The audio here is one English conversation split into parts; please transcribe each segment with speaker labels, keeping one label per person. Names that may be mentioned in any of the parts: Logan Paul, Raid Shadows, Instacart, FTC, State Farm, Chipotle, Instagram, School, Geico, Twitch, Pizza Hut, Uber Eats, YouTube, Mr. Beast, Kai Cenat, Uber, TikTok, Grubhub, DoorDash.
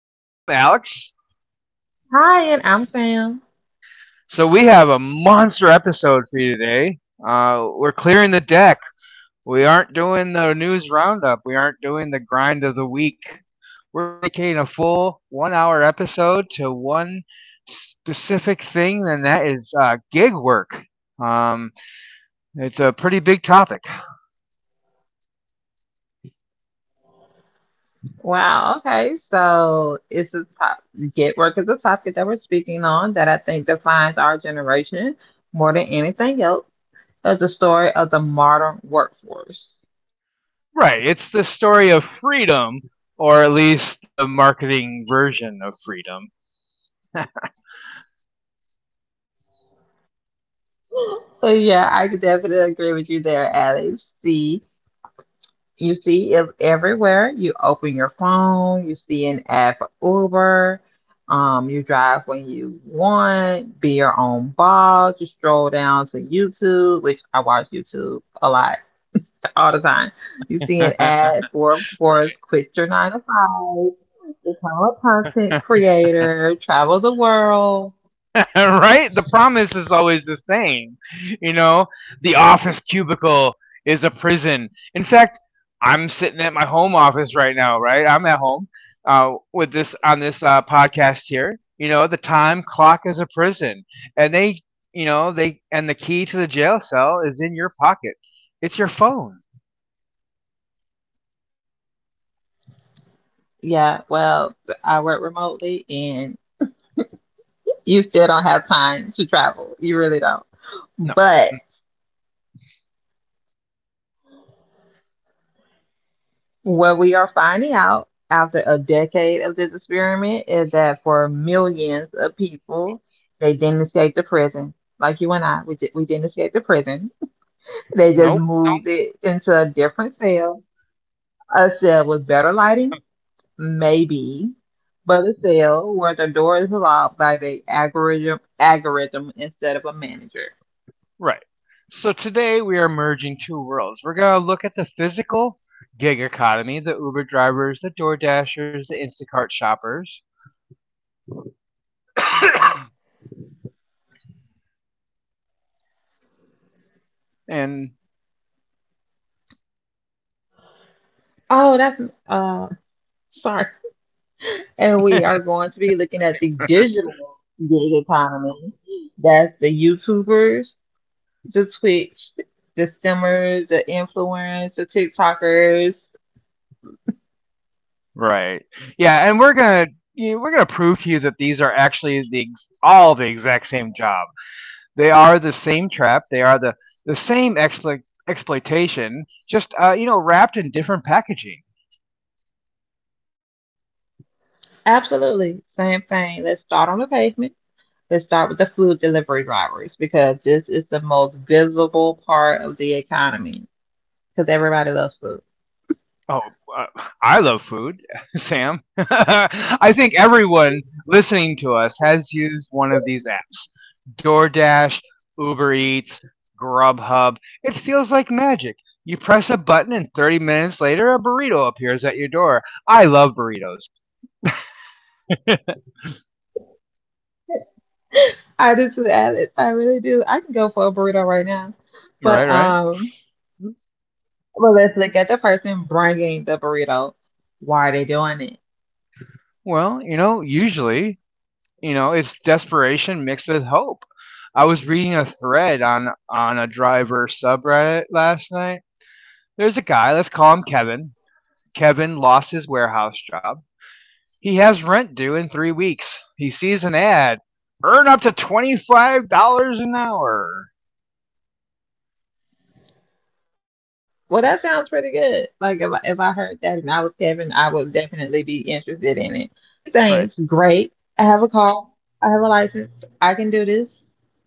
Speaker 1: set. I'm Alex.
Speaker 2: Hi, and I'm Sam.
Speaker 1: So we have a monster episode for you today. We're clearing the deck. We aren't doing the news roundup. We aren't doing the grind of the week. We're dedicating a full one-hour episode to one specific thing, and that is gig work. Um, it's a pretty big topic.
Speaker 2: Wow, okay. So it's a top get work is a topic that we're speaking on that I think defines our generation more than anything else. That's the story of the modern workforce.
Speaker 1: Right, it's the story of freedom, or at least the marketing version of freedom.
Speaker 2: So yeah, I could definitely agree with you there, Alex. You see it everywhere. You open your phone, you see an ad for Uber. You drive when you want, be your own boss. You stroll down to YouTube, which I watch YouTube a lot, all the time. You see an
Speaker 1: Right.
Speaker 2: ad for, of course, quit your nine to five, become a content creator, travel the world.
Speaker 1: Right? The promise is always the same. You know, the office cubicle is a prison. In fact, I'm sitting at my home office right now, right? I'm at home, with this on this podcast here. You know, the time clock is a prison, and they and the key to the jail cell is in your pocket. It's your phone.
Speaker 2: Yeah, well, I work remotely and you still don't have time to travel. You really don't.
Speaker 1: No,
Speaker 2: But. What we are finding out after a decade of this experiment is that for millions of people, they didn't escape the prison. Like you and I, we didn't escape the prison. They just
Speaker 1: nope.
Speaker 2: moved it into a different cell, a cell with better lighting, maybe, but a cell where the door is locked by the algorithm instead of a manager.
Speaker 1: Right. So today we are merging two worlds. We're going to look at the physical gig economy, the Uber drivers, the Door Dashers, the Instacart shoppers. and
Speaker 2: Oh, that's uh, sorry. And we are going to be looking at the digital gig economy. That's the YouTubers, the Twitch, the streamers, the influencers, the TikTokers.
Speaker 1: Right. Yeah, and we're going to prove to you that these are actually all the exact same job. They are the same trap. They are the same exploitation, just wrapped in different packaging.
Speaker 2: Absolutely. Same thing. Let's start on the pavement. Let's start with the food delivery drivers because this is the most visible part of the economy because everybody loves food.
Speaker 1: Oh, I love food, Sam. I think everyone listening to us has used one of these apps: DoorDash, Uber Eats, Grubhub. It feels like magic. You press a button, and 30 minutes later, a burrito appears at your door. I love burritos.
Speaker 2: I do too, Alex. I really do. I can go for a burrito right now. But
Speaker 1: Right, right?
Speaker 2: well, let's look at the person bringing the burrito. Why are they doing it?
Speaker 1: Well, usually, it's desperation mixed with hope. I was reading a thread on a driver subreddit last night. There's a guy, let's call him Kevin. Kevin lost his warehouse job. He has rent due in 3 weeks. He sees an ad. Earn up to $25 an hour.
Speaker 2: Well, that sounds pretty good. Like if I heard that and I was Kevin, I would definitely be interested in it. So he's
Speaker 1: Right.
Speaker 2: saying it's great. I have a car. I have a license. I can do this.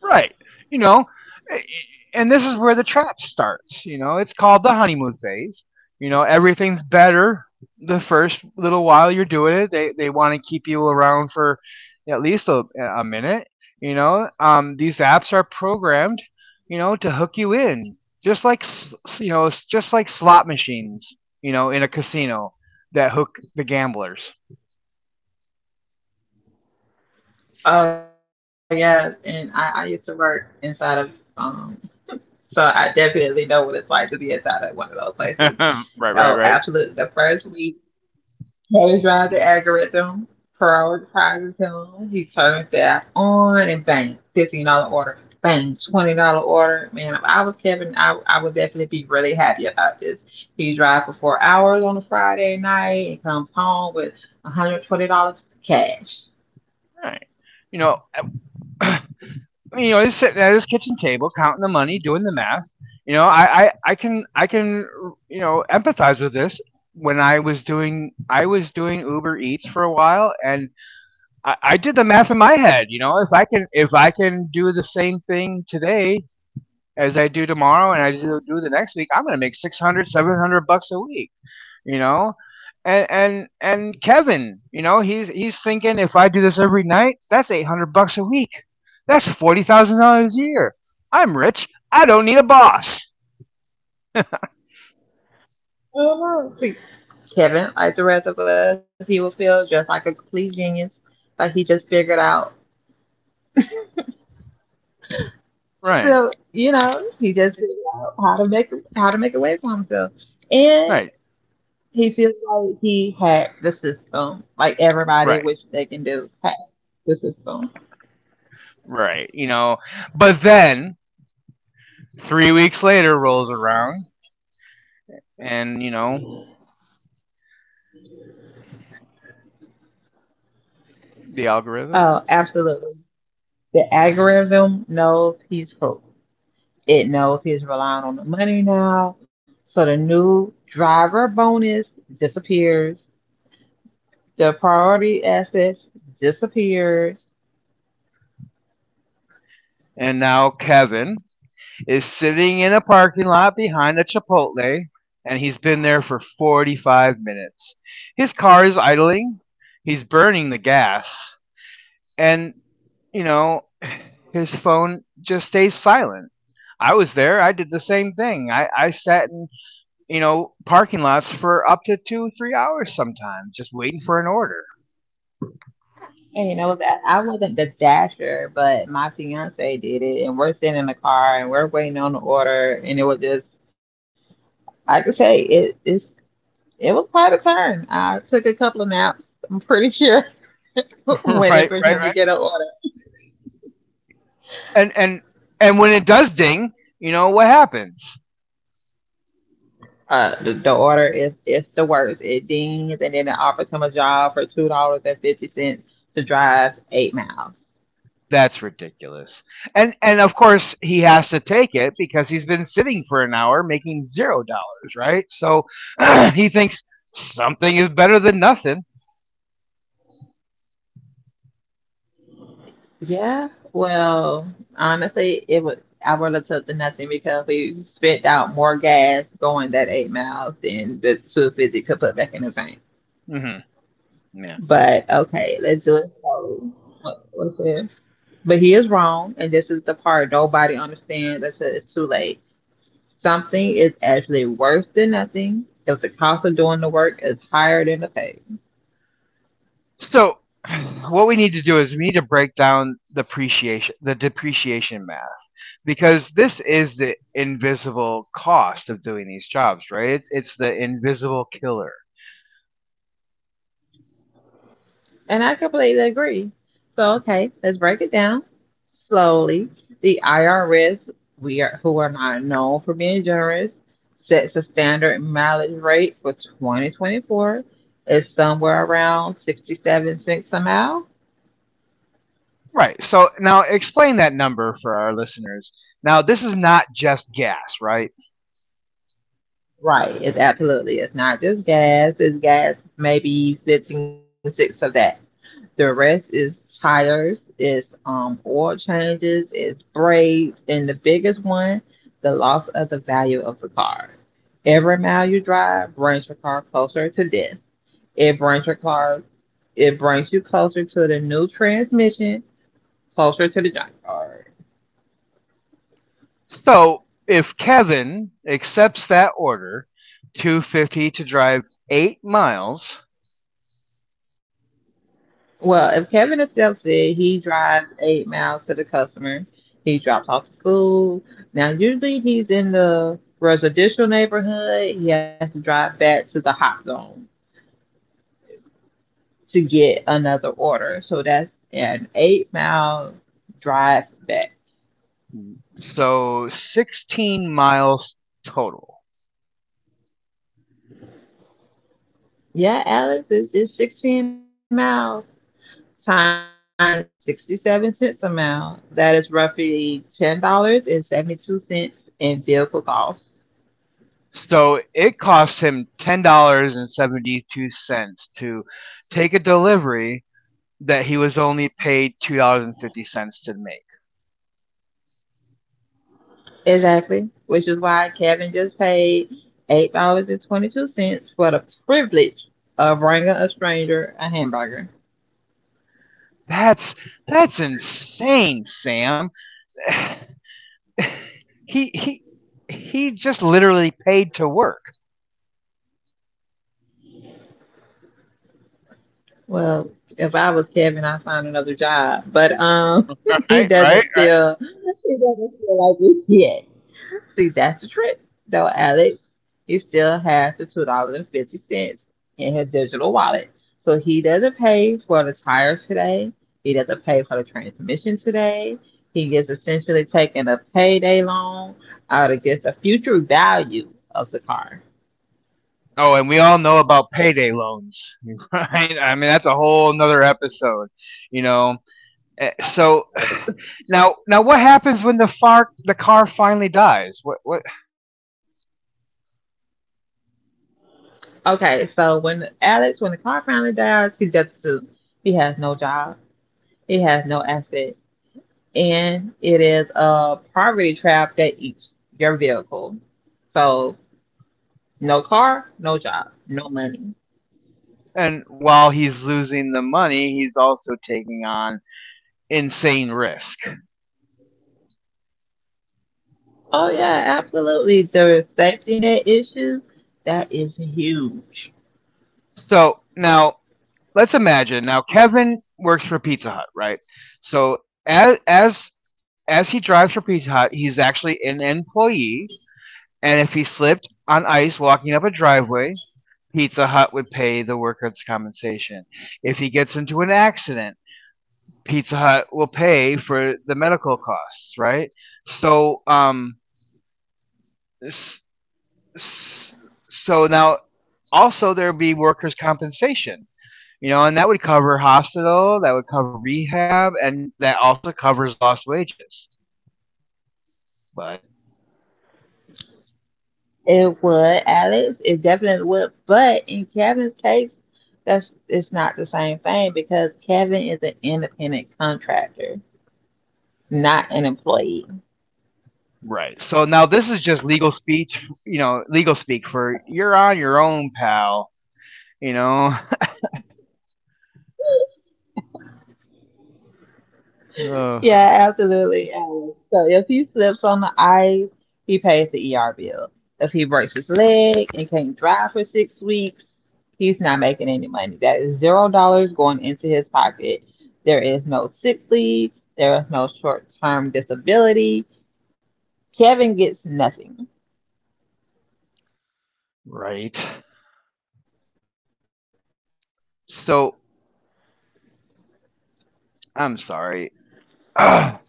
Speaker 1: Right. You know, eh, and this is where the trap starts. You know, it's called the honeymoon phase. You know, everything's better the first little while you're doing it. They want to keep you around for at least a minute. You know, these apps are programmed, to hook you in, just like s- s- you know, it's just like slot machines, in a casino that hook the gamblers.
Speaker 2: Oh yeah, and I used to work inside of um, so I definitely know what it's like to be inside of one of those places.
Speaker 1: Right,
Speaker 2: Oh,
Speaker 1: right, right,
Speaker 2: absolutely. The first week. He drives the algorithm, prioritizes him. He turns the app on and bang, $15 order. Bang, $20 order. Man, if I was Kevin, I would definitely be really happy about this. He drives for 4 hours on a Friday night and comes home with $120 cash.
Speaker 1: right. You know, he's sitting at his kitchen table counting the money, doing the math. You know, I can empathize with this. When I was doing Uber Eats for a while, and I did the math in my head. You know, if I can do the same thing today as I do tomorrow, and I do the next week, I'm going to make 600 700 bucks a week. You know and and and Kevin, he's thinking, if I do this every night, that's 800 bucks a week, that's $40,000 a year. I'm rich, I don't need a boss.
Speaker 2: Oh, no. Kevin, like the rest of us, he will feel just like a complete genius. Like he just figured out,
Speaker 1: Right,
Speaker 2: he just figured out how to make a way for himself. And
Speaker 1: right,
Speaker 2: he feels like he hacked the system, like
Speaker 1: right,
Speaker 2: everybody, which they can do, hack the system.
Speaker 1: right. You know, but then 3 weeks later rolls around, and, the algorithm.
Speaker 2: Oh, absolutely. The algorithm knows he's hooked. It knows he's relying on the money now. So the new driver bonus disappears. The priority assets disappears.
Speaker 1: And now Kevin is sitting in a parking lot behind a Chipotle, and he's been there for 45 minutes. His car is idling, he's burning the gas, and, you know, his phone just stays silent. I was there, I did the same thing. I sat in, parking lots for up to 2, 3 hours sometimes, just waiting for an order.
Speaker 2: And what, I wasn't the dasher, but my fiance did it, and we're sitting in the car and we're waiting on the order, and it was like I could say, it was quite a turn. I took a couple of naps. I'm pretty sure
Speaker 1: Right,
Speaker 2: waiting
Speaker 1: right,
Speaker 2: for him to
Speaker 1: right.
Speaker 2: get an order.
Speaker 1: And and and when it does ding, you know what happens?
Speaker 2: The order is it's the worst. It dings and then it offers him a job for $2 and 50 cents to drive 8 miles.
Speaker 1: That's ridiculous. And of course he has to take it because he's been sitting for an hour making $0, right? So he thinks something is better than nothing.
Speaker 2: Yeah, well, honestly, it was I would have took the nothing because we spent out more gas going that 8 miles than the 2.50 could put back in the tank.
Speaker 1: Hmm. Yeah.
Speaker 2: But okay, let's do it. So, what's it? But he is wrong, and this is the part nobody understands until it's too late. Something is actually worse than nothing if the cost of doing the work is higher than the pay.
Speaker 1: So what we need to do is we need to break down the appreciation, the depreciation math, because this is the invisible cost of doing these jobs, right? It's the invisible killer.
Speaker 2: And I completely agree. So, okay, let's break it down slowly. The IRS, who are not known for being generous, sets a standard mileage rate for 2024. It's somewhere around 67 cents a mile.
Speaker 1: Right. So now explain that number for our listeners. Now this is not just gas, right?
Speaker 2: Right. It's absolutely. It's not just gas. It's gas, maybe 15, six of that. The rest is tires. It's oil changes. It's braids. And the biggest one, the loss of the value of the car. Every mile you drive brings your car closer to death. It brings your car. It brings you closer to the new transmission, closer to the junkyard.
Speaker 1: So if Kevin accepts that order, 2.50 to drive 8 miles,
Speaker 2: Well, if Kevin himself said he drives 8 miles to the customer, he drops off the food. Now, usually he's in the residential neighborhood. He has to drive back to the hot zone to get another order. So that's an 8 mile drive back.
Speaker 1: so 16 miles total.
Speaker 2: Yeah, Alex, it's 16 miles times 67 cents a mile. That is roughly $10.72 in vehicle costs.
Speaker 1: So it cost him $10.72 to take a delivery that he was only paid $2.50 to make.
Speaker 2: Exactly, which is why Kevin just paid $8 and 22 cents for the privilege of bringing a stranger a hamburger.
Speaker 1: That's that's insane, Sam. he he he just literally paid to work.
Speaker 2: Well, if I was Kevin, I'd find another job, but he
Speaker 1: Right, right?
Speaker 2: doesn't feel he doesn't feel like it yet. See, that's the trick, though, Alex. He still has the $2 and 50 cents in his digital wallet, so he doesn't pay for the tires today. He doesn't pay for the transmission today. He is essentially taking a payday loan out against the future value of the car.
Speaker 1: Oh, and we all know about payday loans, right? I mean, that's a whole another episode, you know. So now, what happens when the car finally dies? What?
Speaker 2: Okay, so when Alex, when the car finally dies, he just to he has no job. He has no asset. And it is a poverty trap that eats your vehicle. So no car, no job, no money.
Speaker 1: And while he's losing the money, he's also taking on insane risk.
Speaker 2: Oh yeah, absolutely. The safety net issue, that is huge.
Speaker 1: So now, let's imagine. Now, Kevin works for Pizza Hut, right? So as as as he drives for Pizza Hut, he's actually an employee, and if he slipped on ice walking up a driveway, Pizza Hut would pay the workers' compensation. If he gets into an accident, Pizza Hut will pay for the medical costs, right? So, now also there'd be workers' compensation, and that would cover hospital, that would cover rehab, and that also covers lost wages. But.
Speaker 2: It would, Alex. It definitely would. But in Kevin's case, that's it's not the same thing because Kevin is an independent contractor, not an employee.
Speaker 1: Right. So now this is just legal speech, legal speak for you're on your own, pal, you know. Ugh,
Speaker 2: Yeah, absolutely. So if he slips on the ice, he pays the ER bill. If he breaks his leg and can't drive for 6 weeks, he's not making any money. That is $0 going into his pocket. There is no sick leave. There is no short-term disability. Kevin gets nothing.
Speaker 1: right. So I'm sorry. Ugh.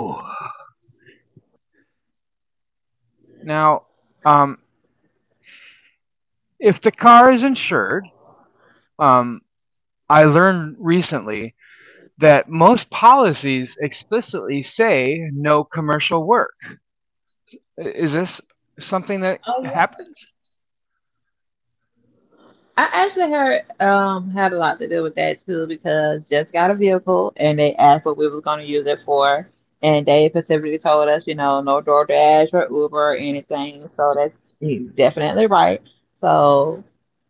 Speaker 1: Oh. Now, um, if the car is insured, um, I learned recently that most policies explicitly say no commercial work. Is this something that happens?
Speaker 2: I actually heard had a lot to do with that too because just got a vehicle and they asked what we was gonna use it for, and they specifically told us, you know, no DoorDash or Uber or anything. So that's he's definitely right. So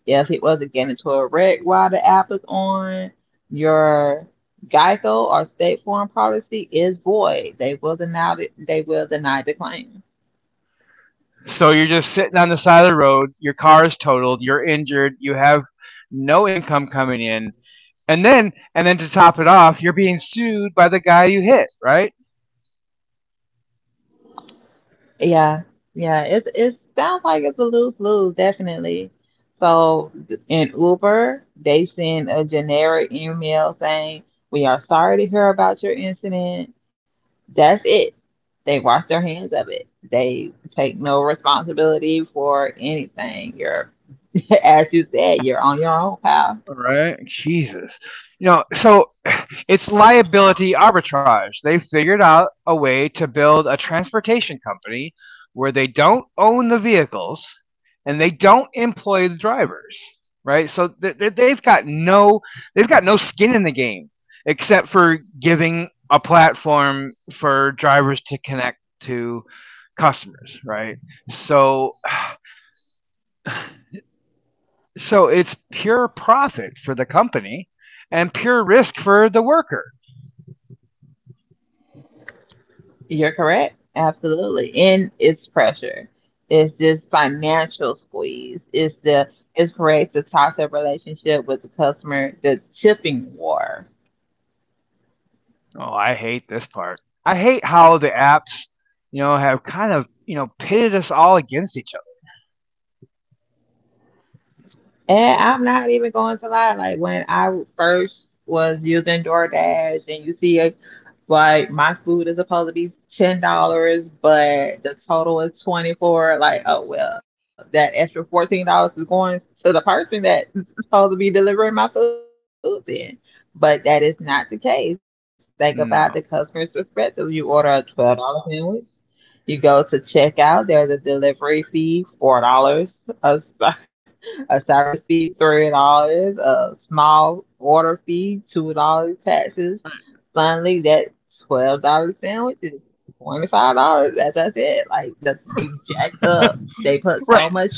Speaker 2: yes, he wasn't getting into a wreck while the app is on. Your Geico or State Farm policy is void. They will deny the claim.
Speaker 1: So you're just sitting on the side of the road, your car is totaled, you're injured, you have no income coming in, and then to top it off, you're being sued by the guy you hit, right?
Speaker 2: Yeah, yeah. It sounds like it's a lose lose, definitely. So in Uber, they send a generic email saying, "We are sorry to hear about your incident." That's it. They wash their hands of it. They take no responsibility for anything. As you said, you're on your own, pal.
Speaker 1: All right, Jesus. You know, so it's liability arbitrage. They figured out a way to build a transportation company where they don't own the vehicles and they don't employ the drivers, right? So they've got no skin in the game, except for giving a platform for drivers to connect to customers, right? So it's pure profit for the company and pure risk for the worker.
Speaker 2: You're correct. Absolutely. And it's pressure. It's this financial squeeze. It's correct the toxic relationship with the customer, the tipping war.
Speaker 1: Oh, I hate this part. I hate how the apps, have kind of, pitted us all against each other.
Speaker 2: And I'm not even going to lie. When I first was using DoorDash, and you see, it, like my food is supposed to be $10, but the total is 24. Like, oh well, that extra $14 is going to the person that's supposed to be delivering my food then. But that is not the case. Think about the
Speaker 1: No.
Speaker 2: customer's perspective. You order a $12 sandwich. You go to checkout. There's a delivery fee, $4. A service fee, $3. A small order fee, $2, taxes. Suddenly, that $12 sandwich is $25. As I said, like, they jacked up. They put
Speaker 1: Right.
Speaker 2: so much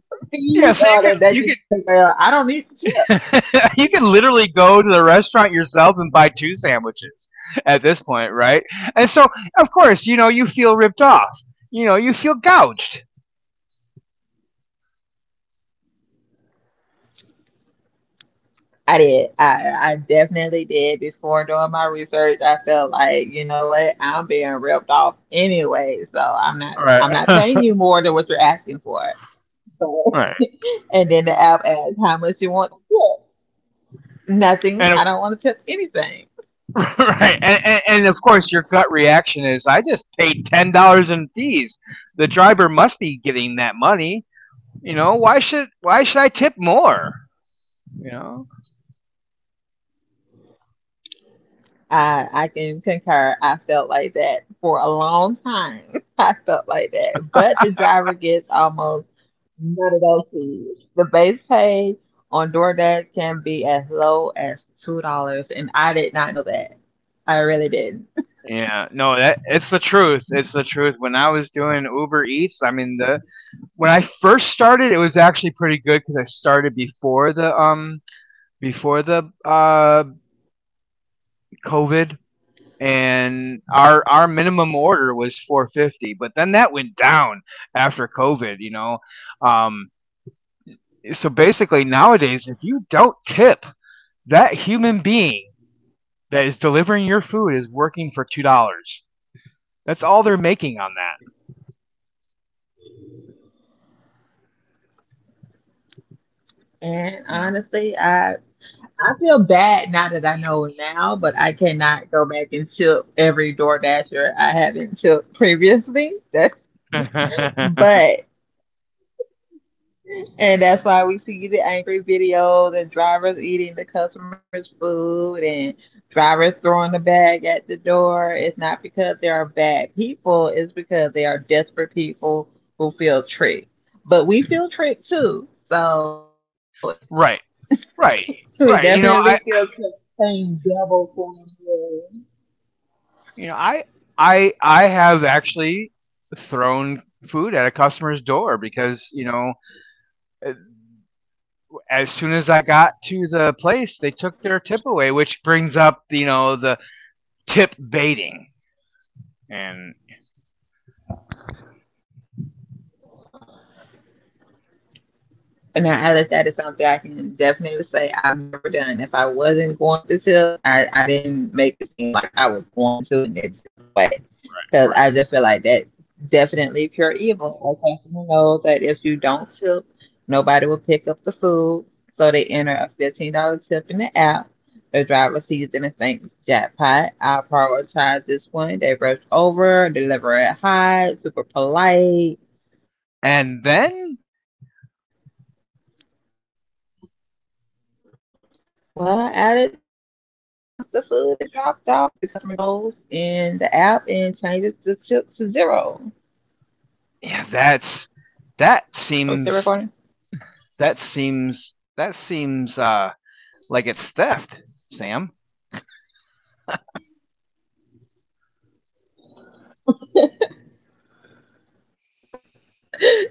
Speaker 1: Yeah,
Speaker 2: fees
Speaker 1: so
Speaker 2: on it that
Speaker 1: you
Speaker 2: you
Speaker 1: can
Speaker 2: think, well, I don't need the tip.
Speaker 1: you can literally go to the restaurant yourself and buy two sandwiches at this point, right? And so, of course, you feel ripped off. You know, you feel gouged.
Speaker 2: I did. I definitely did. Before doing my research, I felt like, you know what, I'm being ripped off anyway, so
Speaker 1: Right.
Speaker 2: I'm not paying you more than what you're asking for. So
Speaker 1: Right.
Speaker 2: and then the app asks how much you want to tip. Nothing.
Speaker 1: And
Speaker 2: I don't want to tip anything.
Speaker 1: right, and of course, your gut reaction is, "I just paid $10 in fees. The driver must be getting that money. You know, why should I tip more? You know."
Speaker 2: I can concur. I felt like that for a long time. I felt like that. But the driver gets almost none of those fees. The base pay on DoorDash can be as low as $2, and I did not know that. I really didn't.
Speaker 1: Yeah, no, that it's the truth. It's the truth. When I was doing Uber Eats, I mean, the when I first started, it was actually pretty good because I started before the before the uh COVID, and our minimum order was 4.50, but then that went down after COVID. You know, um, so basically nowadays, if you don't tip, that human being that is delivering your food is working for $2. That's all they're making on that.
Speaker 2: And
Speaker 1: You
Speaker 2: honestly, I feel bad now that I know now, but I cannot go back and tip every DoorDasher I haven't tipped previously. That's
Speaker 1: know,
Speaker 2: but and that's why we see the angry videos and drivers eating the customers' food and drivers throwing the bag at the door. It's not because they are bad people, it's because they are desperate people who feel tricked. But we feel tricked too. So
Speaker 1: right, right.
Speaker 2: we
Speaker 1: Right,
Speaker 2: definitely feel tricked paying double for it.
Speaker 1: You know, I I have actually thrown food at a customer's door because, eh, as soon as I got to the place, they took their tip away, which brings up, the tip baiting. And
Speaker 2: Now, Alex, that is something I can definitely say I've never done. If I wasn't going to tip, I didn't make it seem like I was going to and then took it away. Because I
Speaker 1: right.
Speaker 2: just feel like that's definitely pure evil. Our customer knows that if you don't tip, nobody will pick up the food. So they enter a $15 tip in the app. The driver sees it and thinks, jackpot, I'll prioritize this one. They rush over, deliver it high, super polite.
Speaker 1: And then,
Speaker 2: Well, added, and then once the food is dropped off, the customer goes in the app and changes the tip to zero.
Speaker 1: yeah, that's that
Speaker 2: Are we still
Speaker 1: seems
Speaker 2: recording?
Speaker 1: That seems that seems like it's theft, Sam.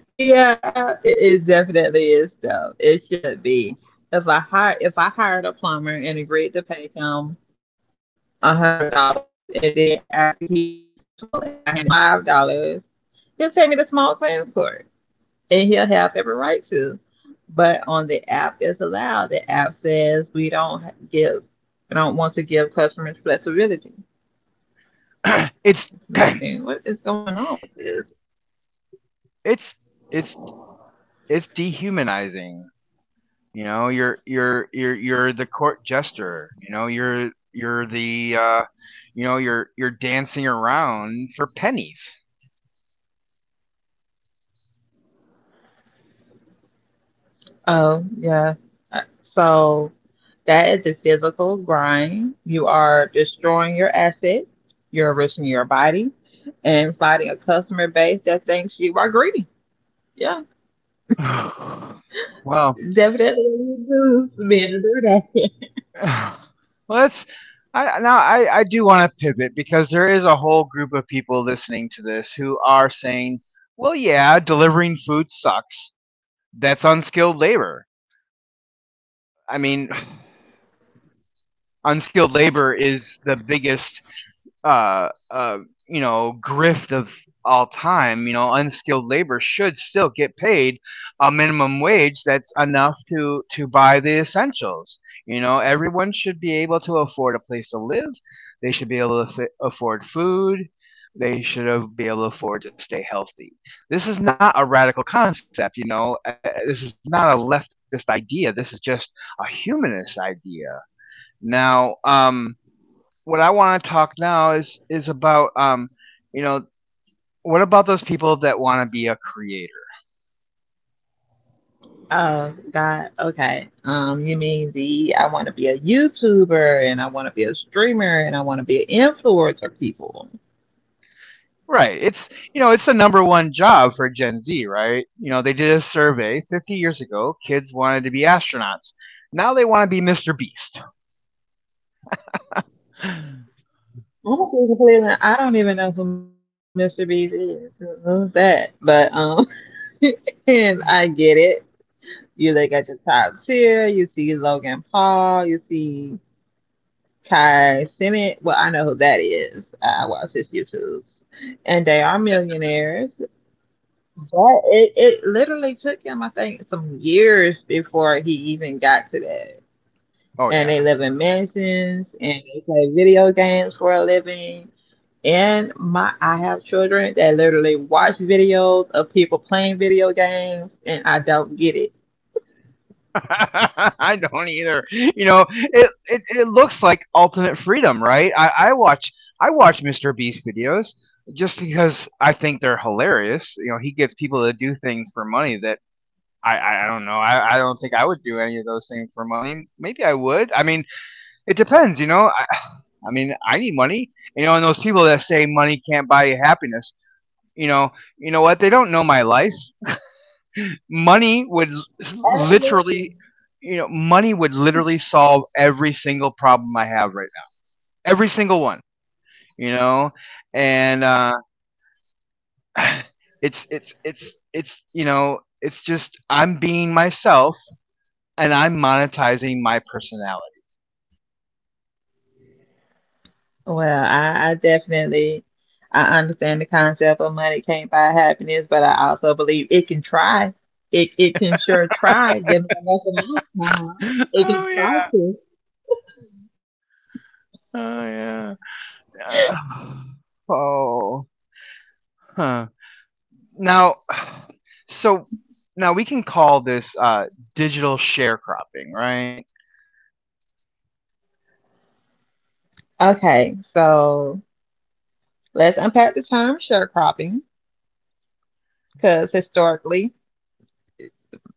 Speaker 2: Yeah, it definitely is though. It should be. If I hired a plumber and agreed to pay him $100, and then after he fixed the toilet, I handed him $5, he'll take me to small claims court, and he'll have every right to. But on the app it's allowed. The app says we don't give, we don't want to give customers flexibility.
Speaker 1: it's
Speaker 2: What is going on with this?
Speaker 1: it's it's it's dehumanizing. You know, you're the court jester. You know, you're the you know you're dancing around for pennies.
Speaker 2: Oh yeah. Uh, so that is the physical grind. You are destroying your assets. You're risking your body and fighting a customer base that thinks you are greedy. Yeah,
Speaker 1: Well, well,
Speaker 2: definitely being to do that.
Speaker 1: that's I now I do want to pivot because there is a whole group of people listening to this who are saying, well, yeah, delivering food sucks. That's unskilled labor. I mean, unskilled labor is the biggest uh, uh, grift of all time, unskilled labor should still get paid a minimum wage that's enough to buy the essentials. You know, everyone should be able to afford a place to live. They should be able to afford food. They should be able to afford to stay healthy. This is not a radical concept. This is not a leftist idea. This is just a humanist idea. Now, what I want to talk now is about you know, what about those people that want to be a creator?
Speaker 2: Oh, God. Okay. You mean the I want to be a YouTuber and I want to be a streamer and I want to be an influencer people.
Speaker 1: Right. It's the number one job for Gen Z, right? You know, they did a survey 50 years ago. Kids wanted to be astronauts. Now they want to be Mr. Beast.
Speaker 2: I'm gonna be completely, I don't even know who Mr. Beast is. Who's that? But and I get it. You look at your top tier. You see Logan Paul. You see Kai Cenat. Well, I know who that is. I watch his YouTubes, and they are millionaires. But it literally took him, I think, some years before he even got to that.
Speaker 1: Oh
Speaker 2: And
Speaker 1: yeah.
Speaker 2: they live in mansions and they play video games for a living. And my I have children that literally watch videos of people playing video games and I don't get it.
Speaker 1: I don't either. It looks like ultimate freedom, right? I watch Mr. Beast videos just because I think they're hilarious. You know, he gets people to do things for money that I don't know. I don't think I would do any of those things for money. Maybe I would. I mean, it depends. I, I mean, I need money. And those people that say money can't buy you happiness, you know, you know what? They don't know my life. Money would l- Literally, money would literally solve every single problem I have right now. Every single one, you know. And it's it's it's it's, it's just I'm being myself and I'm monetizing my personality.
Speaker 2: Well, I definitely I understand the concept of money can't buy happiness, but I also believe it can try. It can sure try. Give me enough of my time. It
Speaker 1: Oh
Speaker 2: can try
Speaker 1: yeah.
Speaker 2: to.
Speaker 1: Oh yeah. Uh, oh. Huh. Now, so now we can call this digital sharecropping, right?
Speaker 2: Okay, so let's unpack the term sharecropping because historically,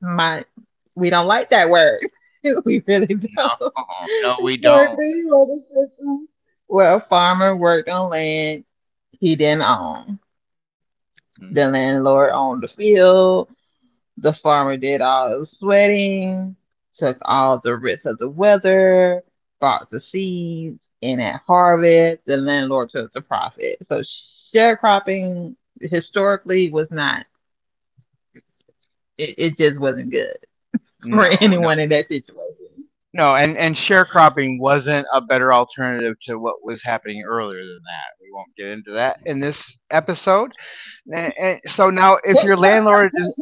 Speaker 2: my we don't like that word. We really don't.
Speaker 1: No, no, we don't.
Speaker 2: Historically, what is system where a farmer worked on land he didn't own.
Speaker 1: Mm,
Speaker 2: The landlord owned the field. The farmer did all the sweating, took all the risks of the weather, bought the seeds, and at harvest, the landlord took the profit. So sharecropping historically was not, it, just wasn't good for
Speaker 1: no, no,
Speaker 2: anyone in that situation.
Speaker 1: no. And sharecropping wasn't a better alternative to what was happening earlier than that. We won't get into that in this episode. And so now,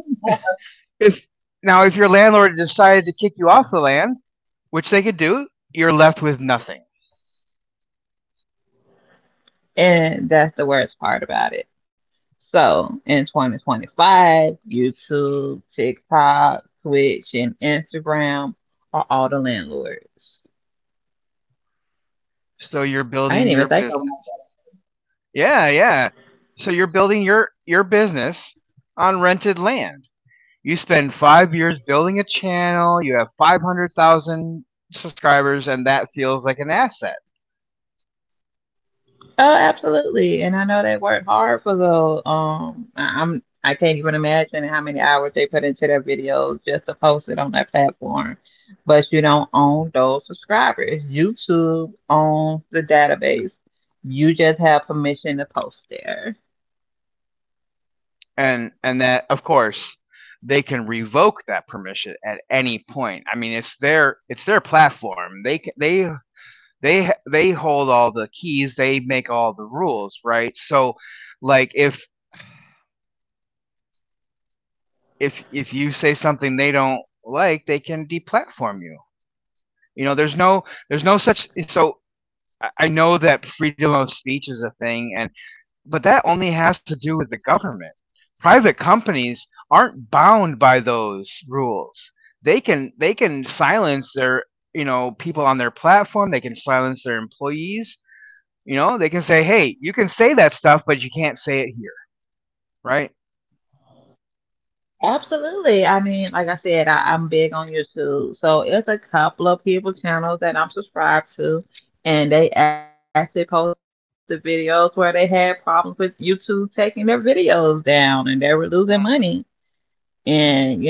Speaker 1: if now if your landlord decided to kick you off the land which they could do, you're left with nothing.
Speaker 2: And that's the worst part about it. So in 2025, YouTube, TikTok, Twitch, and Instagram are all the landlords.
Speaker 1: So you're
Speaker 2: I
Speaker 1: building
Speaker 2: didn't even
Speaker 1: your
Speaker 2: think of.
Speaker 1: business. Yeah, yeah. So you're building your business on rented land. You spend 5 years building a channel, you have 500,000 subscribers and that feels like an asset.
Speaker 2: Oh, absolutely. And I know they worked hard for those. I'm I can't even imagine how many hours they put into their videos just to post it on that platform. But you don't own those subscribers. YouTube owns the database. You just have permission to post there.
Speaker 1: And that of course they can revoke that permission at any point. I mean, it's their platform. They hold all the keys. They make all the rules, right? So, like if if you say something they don't like, they can deplatform you. You know, there's no such so I know that freedom of speech is a thing and but that only has to do with the government. Private companies aren't bound by those rules. They can silence their people on their platform, they can silence their employees, you know, they can say, "Hey, you can say that stuff, but you can't say it here." Right?
Speaker 2: Absolutely. I mean, like I said, I'm big on YouTube. So it's a couple of people channels that I'm subscribed to, and they actually posted videos where they had problems with YouTube taking their videos down and they were losing money. And, you
Speaker 1: Hmm.
Speaker 2: know,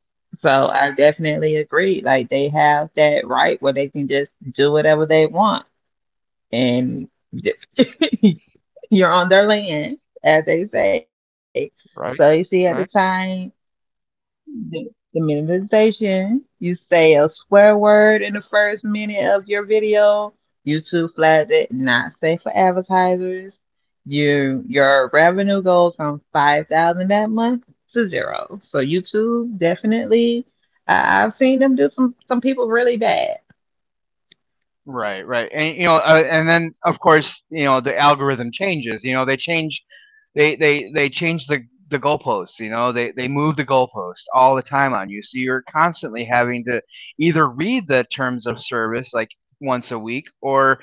Speaker 2: so I definitely agree. Like they have that right where they can just do whatever they want and just- you're on their land, as they say. So you
Speaker 1: Right?
Speaker 2: see at the
Speaker 1: Right?
Speaker 2: time. The, the minutization. You say a swear word in the first minute of your video. YouTube flags it not safe for advertisers. You your revenue goes from 5,000 that month to zero. So YouTube definitely. I've seen them do some people really bad.
Speaker 1: Right, right, and then of course, you know, the algorithm changes. They change the goalposts. You know, they move the goalposts all the time on you, so you're constantly having to either read the terms of service like once a week, or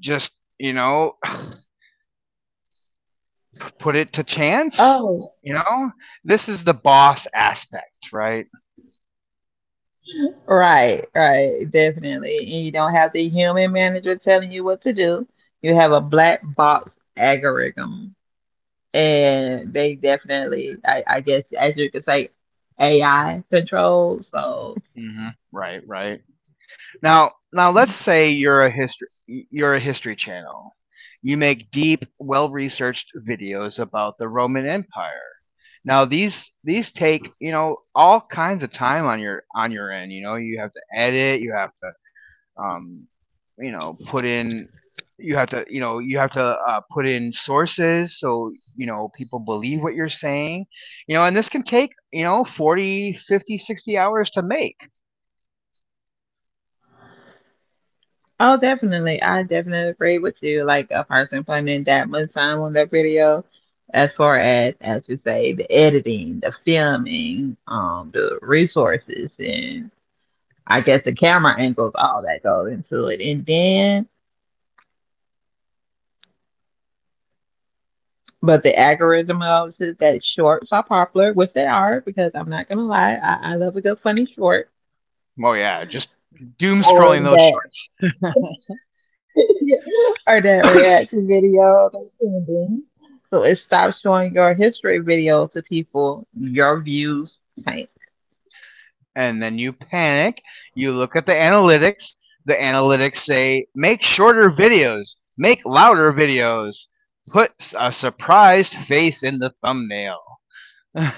Speaker 1: just you know, put it to chance.
Speaker 2: Oh,
Speaker 1: You know, this is the boss aspect, right?
Speaker 2: right, right, definitely. And you don't have the human manager telling you what to do. You have a black box algorithm and they definitely, I guess, as you could say, AI control. So,
Speaker 1: Hmm. Right, right. Now, now let's say you're a history channel. You make deep, well-researched videos about the Roman Empire. Now these take, you know, all kinds of time on your end, you know, you have to edit, you have to um, you know, put in you have to, you know, you have to put in sources so, you know, people believe what you're saying. You know, and this can take, you know, 40, 50, 60 hours to make.
Speaker 2: oh, definitely, I definitely agree with you. Like a person spending that much time on that video, as far as you say, the editing, the filming, the resources, and I guess the camera angles, all that goes into it, and then. But the algorithm notices that shorts are popular, which they are, because I'm not gonna lie, I love a good funny short.
Speaker 1: Oh yeah, just doom
Speaker 2: Or
Speaker 1: scrolling those.
Speaker 2: that or that reaction video that's trending. So it stops showing your history video to people. Your views tank.
Speaker 1: And then you panic. You look at the analytics. The analytics say make shorter videos, make louder videos, put a surprised face in the thumbnail.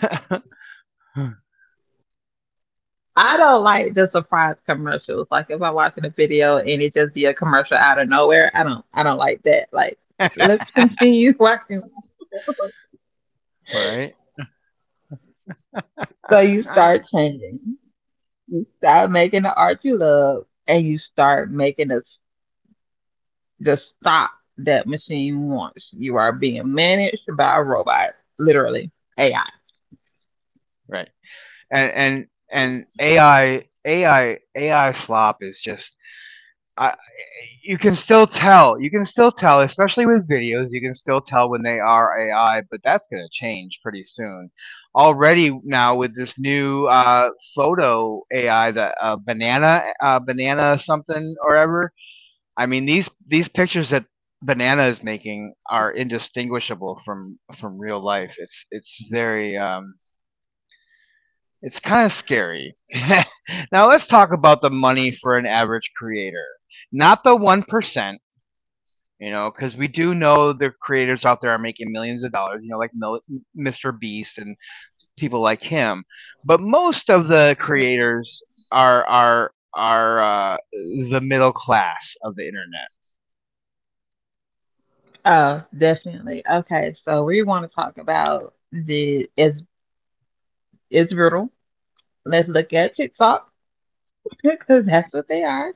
Speaker 2: I don't like the surprise commercials. Like if I'm watching a video and it just be a commercial out of nowhere, I don't like that. Like let's continue watching.
Speaker 1: Right?
Speaker 2: So you
Speaker 1: Uh,
Speaker 2: start changing. You stop making the art you love and you start making the stop that machine wants. You are being managed by a robot, literally AI.
Speaker 1: right. And and and AI slop is just I, you can still tell. You can still tell, especially with videos. You can still tell when they are AI, but that's going to change pretty soon. Already now with this new photo AI, the banana, banana something or ever. I mean these pictures that banana is making are indistinguishable from real life. It's very it's kind of scary. Now let's talk about the money for an average creator, not the 1%, you know, because we do know the creators out there are making millions of dollars, you know, Mr. Beast and people like him. But most of the creators are the middle class of the internet,
Speaker 2: Oh, definitely. Okay, so we want to talk about the is brutal. Let's look at TikTok because that's what they are.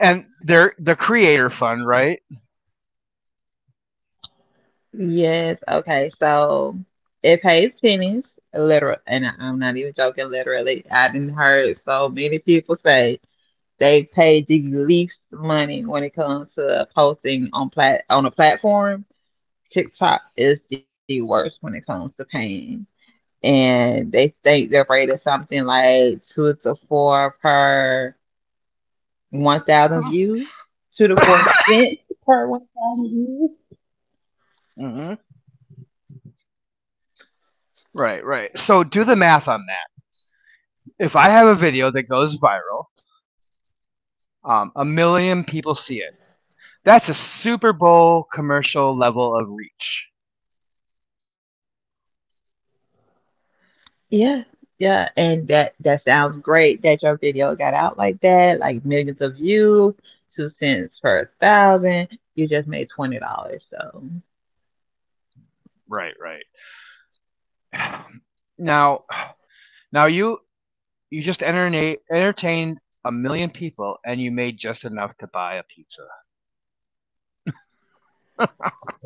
Speaker 1: and they're the creator fund, right?
Speaker 2: Yes. Okay. So it pays pennies, literal, and I'm not even joking. Literally, I didn't heard so many people say they pay the least money when it comes to posting on plat on a platform TikTok is the worst when it comes to pain. And they think their rate is something like two to four per 1,000 views, two to four cents per 1,000 views.
Speaker 1: Mm-hmm. Right, right. So do the math on that. If I have a video that goes viral, a million people see it. That's a Super Bowl commercial level of reach.
Speaker 2: Yeah, yeah. And that sounds great that your video got out like that, like millions of views, 2 cents per thousand. You just made $20. So.
Speaker 1: Right, right. Now, now you entertained a million people and you made just enough to buy a pizza.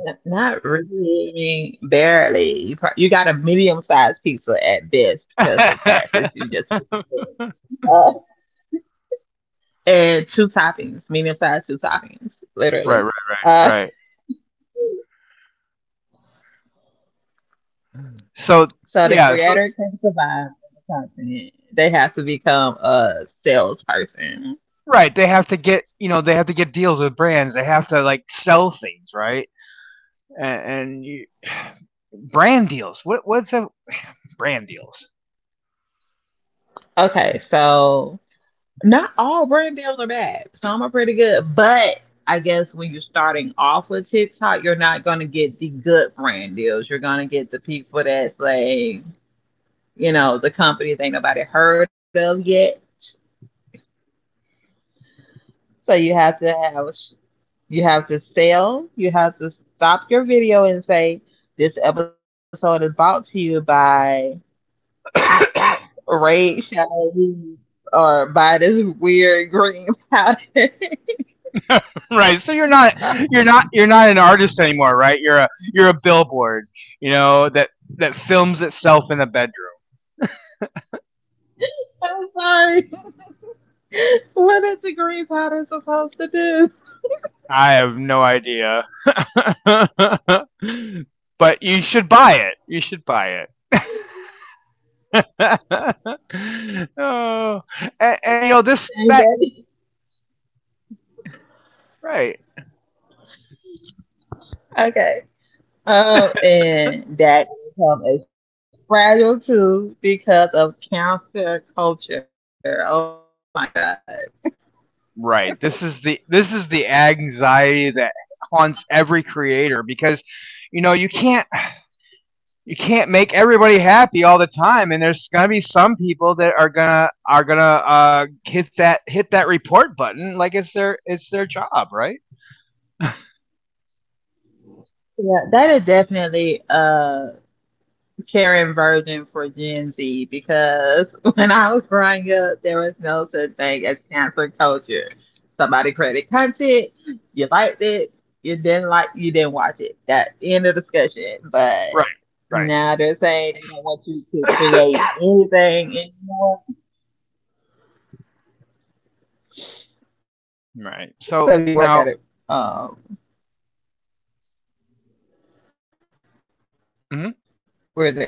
Speaker 2: Not really. I mean, barely. You got a medium sized pizza at best because with taxes you just uh, and two toppings, medium sized two toppings,
Speaker 1: Right,
Speaker 2: literally.
Speaker 1: right, right,
Speaker 2: Uh,
Speaker 1: right. So
Speaker 2: so the
Speaker 1: yeah, so
Speaker 2: creator can survive the content. They have to become a salesperson.
Speaker 1: right, they have to get deals with brands. They have to like sell things, right? And, and you, brand deals. What what's that? Brand deals.
Speaker 2: Okay, so Not all brand deals are bad. Some are pretty good, but I guess when you're starting off with TikTok, you're not gonna get the good brand deals. You're gonna get the people that's like, you know, the companies ain't nobody heard of yet. So you have to have, you have to sell. You have to stop your video and say, "This episode is brought to you by Raid Shadows or by this weird green powder."
Speaker 1: Right. So you're not an artist anymore, right? You're a billboard, you know that films itself in a bed.
Speaker 2: I'm sorry. what is a green powder supposed to do?
Speaker 1: I have no idea. But you should buy it. You should buy it. Oh, and you know this
Speaker 2: And
Speaker 1: that.
Speaker 2: that-
Speaker 1: Right,
Speaker 2: okay. And that income is fragile too because of cancer culture. Oh my god.
Speaker 1: right. This is the anxiety that haunts every creator because you know you can't make everybody happy all the time and there's gonna be some people that are gonna hit that report button like it's their job, right?
Speaker 2: Yeah, that is definitely. Karen version for Gen Z because when I was growing up, there was no such thing as cancel culture. Somebody created content, you liked it, you didn't like, you didn't watch it. That end of discussion. But
Speaker 1: Right, right.
Speaker 2: now they're saying they don't want you to create anything anymore. So
Speaker 1: Right.
Speaker 2: you work
Speaker 1: So
Speaker 2: at it.
Speaker 1: now
Speaker 2: Um,
Speaker 1: mhm.
Speaker 2: where is it?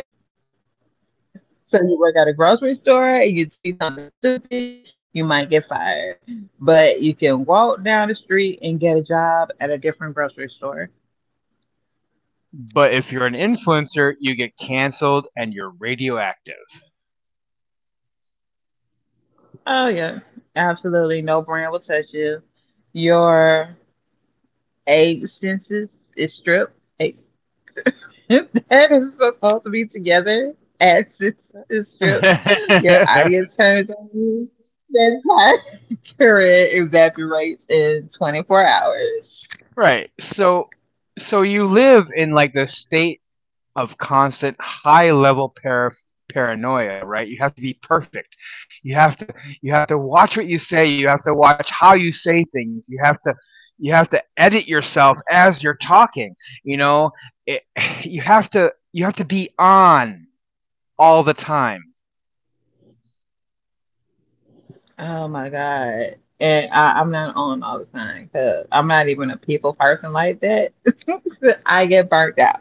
Speaker 2: So you work at a grocery store and you tweet something stupid, you might get fired. But you can walk down the street and get a job at a different grocery store.
Speaker 1: But if you're an influencer, you get canceled and you're radioactive.
Speaker 2: Oh yeah, absolutely. No brand will touch you. Your egg census is stripped. Egg- that is supposed to be together. Ad census is stripped. Your audience turns on you. That's how accurate evaporates in 24 hours.
Speaker 1: Right. So so you live in like the state of constant high level paranoia, right? You have to be perfect. You have to you have to watch what you say, you have to watch how you say things. You have to edit yourself as you're talking, you know? It, you have to be on all the time.
Speaker 2: Oh my God. And I'm not on all the time because I'm not even a people person like that. I get burnt out.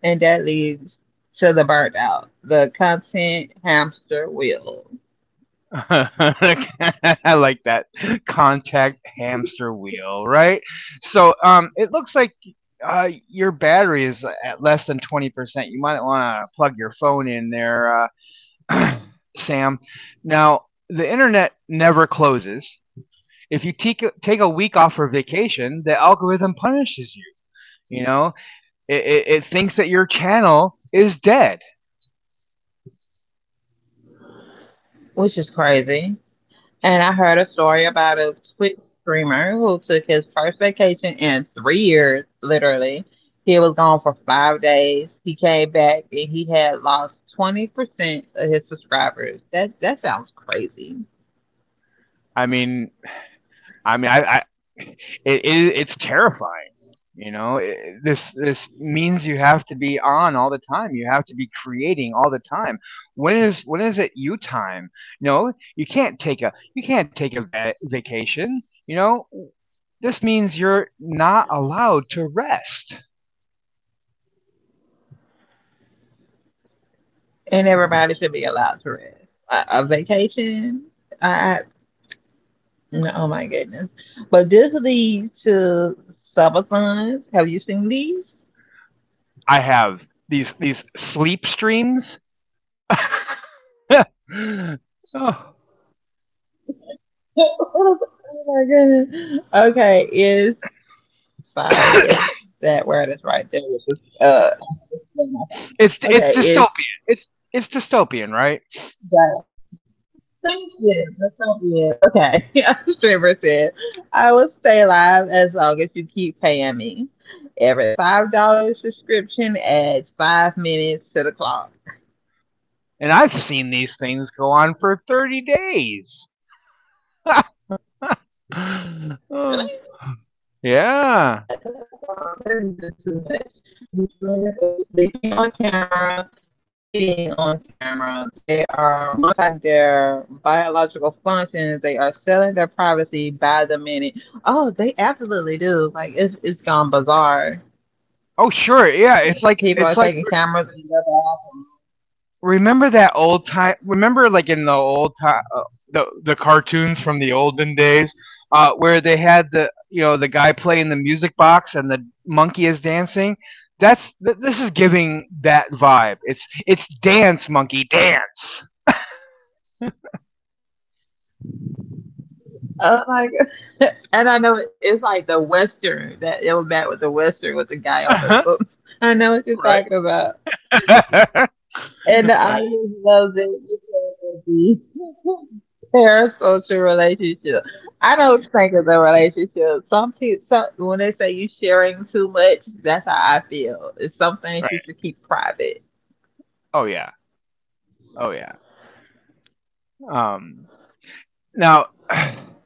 Speaker 2: And that leads to the burnt out, the content hamster wheel,
Speaker 1: I like that contact hamster wheel, right? So it looks like your battery is at less than 20%. You might want to plug your phone in there, uh, Sam. Now, the internet never closes. If you take a week off for vacation, the algorithm punishes you. You know, it thinks that your channel is dead.
Speaker 2: which is crazy. And I heard a story about a Twitch streamer who took his first vacation in 3 years, literally. He was gone for 5 days. He came back and he had lost 20% of his subscribers. That that sounds crazy.
Speaker 1: I mean, I mean, I it, it it's terrifying. You know, it, this means you have to be on all the time. You have to be creating all the time. When is it you time? No, you can't take a vacation. You know, this means you're not allowed to rest.
Speaker 2: And everybody should be allowed to rest. A vacation, I no, oh my goodness. But this leads to subathons. Have you seen these?
Speaker 1: I have these sleep streams. Oh.
Speaker 2: oh my goodness. Okay, it's sorry, it's that word is right there with this uh on my phone.
Speaker 1: It's
Speaker 2: Okay, it's
Speaker 1: dystopian. It's dystopian, right?
Speaker 2: Thank you. That's so good. Okay. As Trevor said, I will stay alive as long as you keep paying me. Every $5 subscription adds 5 minutes to the clock.
Speaker 1: And I've seen these things go on for 30 days. Oh.
Speaker 2: Really?
Speaker 1: Yeah.
Speaker 2: That,
Speaker 1: Oh,
Speaker 2: that, wow, that is just too much. This woman is sleeping on camera, eating on camera. They are monetizing their biological functions. They are selling their privacy by the minute. Oh, they absolutely do. Like it's gone bizarre.
Speaker 1: sure. Yeah, it's like
Speaker 2: People are taking cameras and stuff out.
Speaker 1: remember that old time, remember like in the old time the cartoons from the olden days where they had the you know the guy playing the music box and the monkey is dancing? This is giving that vibe. It's dance monkey dance.
Speaker 2: Oh my god! and I know that it's like the western that it was back with the western with the guy on the
Speaker 1: Right?
Speaker 2: book. I know what you're talking about,
Speaker 1: Right,
Speaker 2: and the audience loves it because of the parasocial relationship. I don't think it's a relationship. Some people, some, when they say you sharing too much, that's how I feel. It's some
Speaker 1: right.
Speaker 2: things you should keep private.
Speaker 1: Oh yeah. Oh yeah. Um, now,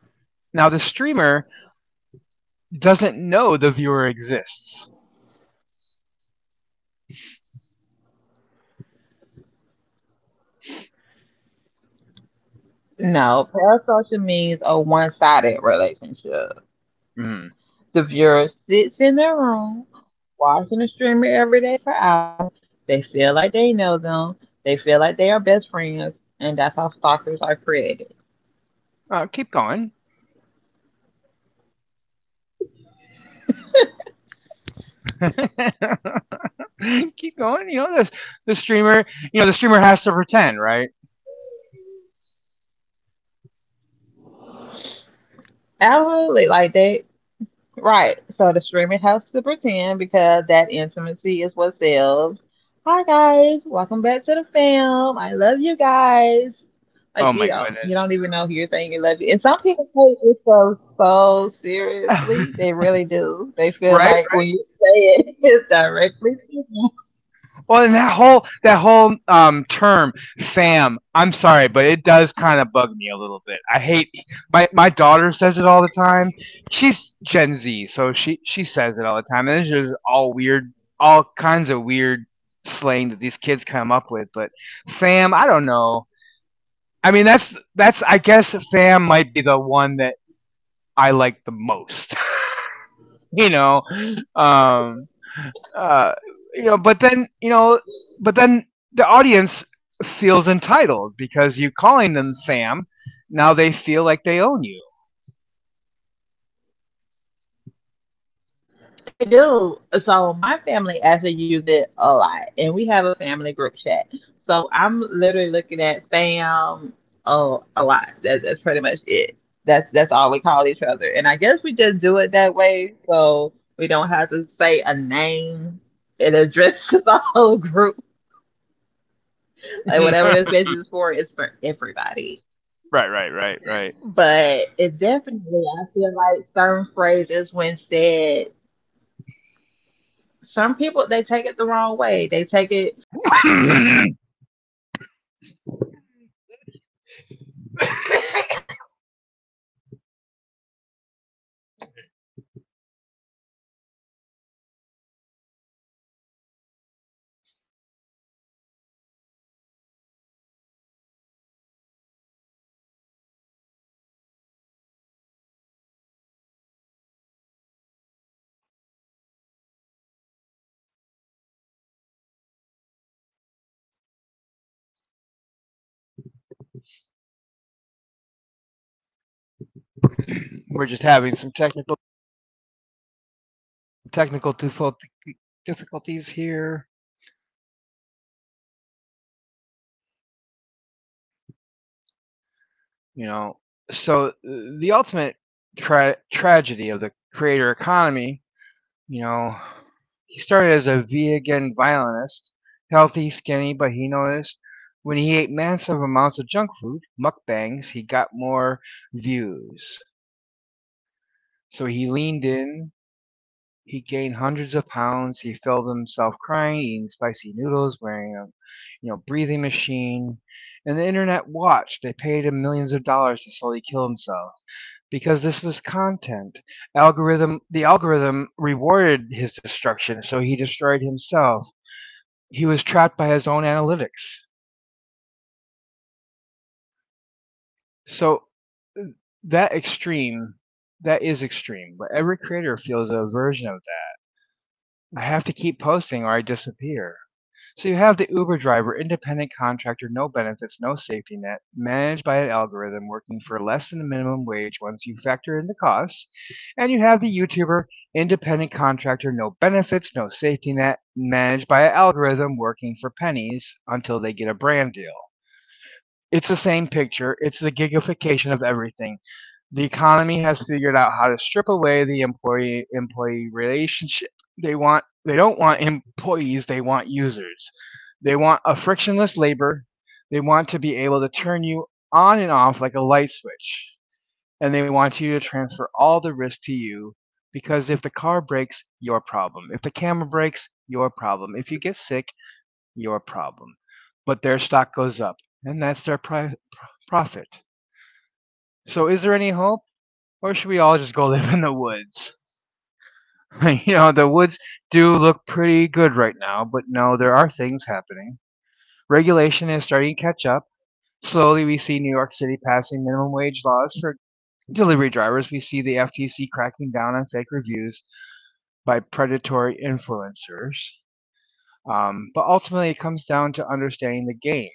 Speaker 1: now the streamer doesn't know the viewer exists.
Speaker 2: No, parasocial means a one-sided relationship.
Speaker 1: Mm.
Speaker 2: The viewer sits in their room, watching the streamer every day for hours. They feel like they know them. They feel like they are best friends, and that's how stalkers are created.
Speaker 1: Keep going. Keep going. You know the streamer has to pretend, right?
Speaker 2: Absolutely, like they Right. So the streamer has to pretend because that intimacy is what sells. Hi guys, welcome back to the fam. I love you guys. Like
Speaker 1: Oh
Speaker 2: you
Speaker 1: my
Speaker 2: know, you
Speaker 1: goodness.
Speaker 2: don't even know who you're saying you love you. And some people take it so so seriously. They really do. They feel
Speaker 1: Right?
Speaker 2: like when you say it, it's directly. To them.
Speaker 1: Well, and that whole term. Ma'am, I'm sorry, but it does kind of bug me a little bit. I hate my daughter says it all the time. She's Gen Z, so she says it all the time, and it's just all weird, all kinds of weird slang that these kids come up with. But fam, I don't know. I mean, that's I guess fam might be the one that I like the most. You know, um, uh, you know, but then the audience feels entitled because you calling them Sam. Now they feel like they own you.
Speaker 2: They do. So my family actually use it a lot, and we have a family group chat. So I'm literally looking at fam a lot. That's pretty much it. That's all we call each other, and I guess we just do it that way so we don't have to say a name. It addresses the whole group. Like whatever
Speaker 1: Right,
Speaker 2: this message is for, it's for everybody.
Speaker 1: right, right, right.
Speaker 2: But it definitely, I feel like certain phrases when said Some people they take it the wrong way. They take it too personal. That's why they say be careful what you say. Be mindful of what you say. Go ahead.
Speaker 1: We're just having some technical difficulties here. You know, so the ultimate tragedy of the creator economy. You know, he started as a vegan violinist, healthy, skinny, but he noticed when he ate massive amounts of junk food, mukbangs, he got more views. So he leaned in, he gained hundreds of pounds, he filmed himself crying, eating spicy noodles, wearing a you know breathing machine, and the internet watched. They paid him millions of dollars to slowly kill himself because this was content. Algorithm the algorithm rewarded his destruction, so he destroyed himself. He was trapped by his own analytics. So that extreme that is extreme, but every creator feels a version of that. I have to keep posting or I disappear. So you have the Uber driver, independent contractor, no benefits, no safety net, managed by an algorithm working for less than the minimum wage once you factor in the costs. And you have the YouTuber, independent contractor, no benefits, no safety net, managed by an algorithm working for pennies until they get a brand deal. It's the same picture. It's the gigification of everything. The economy has figured out how to strip away the employee relationship. They don't want employees, they want users. They want a frictionless labor. They want to be able to turn you on and off like a light switch. And they want you to transfer all the risk to you because if the car breaks, your problem. If the camera breaks, your problem. If you get sick, your problem. But their stock goes up, and that's their profit. So is there any hope? Or should we all just go live in the woods? The woods do look pretty good right now, but no, there are things happening. Regulation is starting to catch up. Slowly, we see New York City passing minimum wage laws for delivery drivers. We see the FTC cracking down on fake reviews by predatory influencers. But ultimately, it comes down to understanding the game.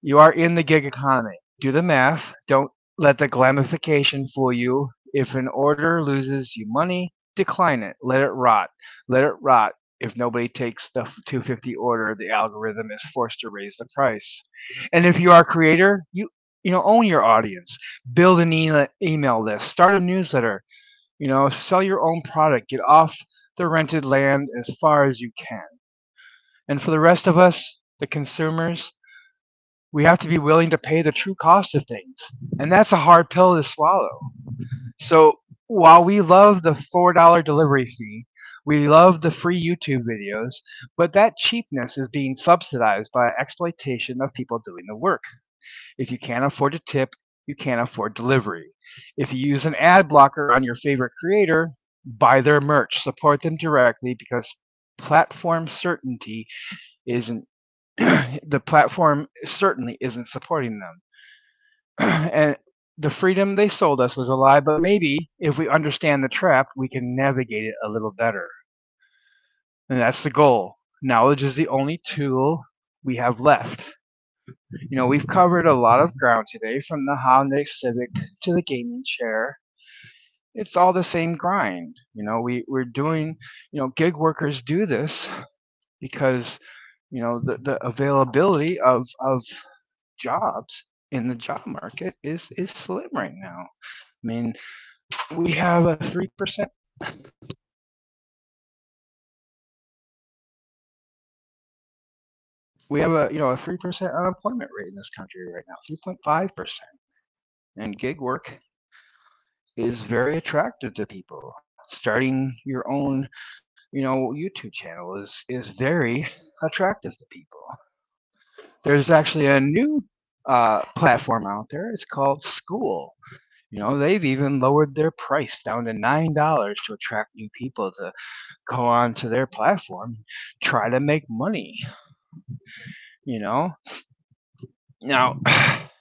Speaker 1: You are in the gig economy. Do the math. Don't let the glamification fool you. If an order loses you money, decline it. Let it rot. Let it rot. If nobody takes the 250 order, the algorithm is forced to raise the price. And if you are a creator, you know own your audience. Build an email list. Start a newsletter. Sell your own product. Get off the rented land as far as you can. And for the rest of us, the consumers, we have to be willing to pay the true cost of things. And that's a hard pill to swallow. So while we love the $4 delivery fee, we love the free YouTube videos, but that cheapness is being subsidized by exploitation of people doing the work. If you can't afford to tip, you can't afford delivery. If you use an ad blocker on your favorite creator, buy their merch, support them directly because platform certainty isn't the platform certainly isn't supporting them. And the freedom they sold us was a lie, but maybe if we understand the trap, we can navigate it a little better. And that's the goal. Knowledge is the only tool we have left. We've covered a lot of ground today from the Honda Civic to the gaming chair. It's all the same grind. You know, we, we're doing, you know, gig workers do this because the availability of jobs in the job market is slim right now. I mean, we have a 3%. We have a you know a 3% unemployment rate in this country right now, 3.5%. And gig work is very attractive to people. Starting your own YouTube channel is very attractive to people. There's actually a new platform out there. It's called School. They've even lowered their price down to $9 to attract new people to go on to their platform, try to make money. You know, now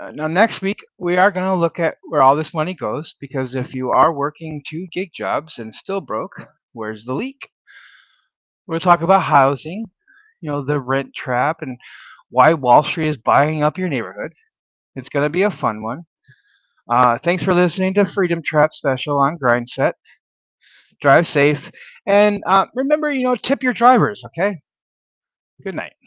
Speaker 1: Now, next week, we are going to look at where all this money goes because if you are working two gig jobs and still broke, where's the leak? We'll talk about housing, the rent trap, and why Wall Street is buying up your neighborhood. It's going to be a fun one. Thanks for listening to Freedom Trap Special on Grindset. Drive safe, and remember, tip your drivers. Okay. Good night.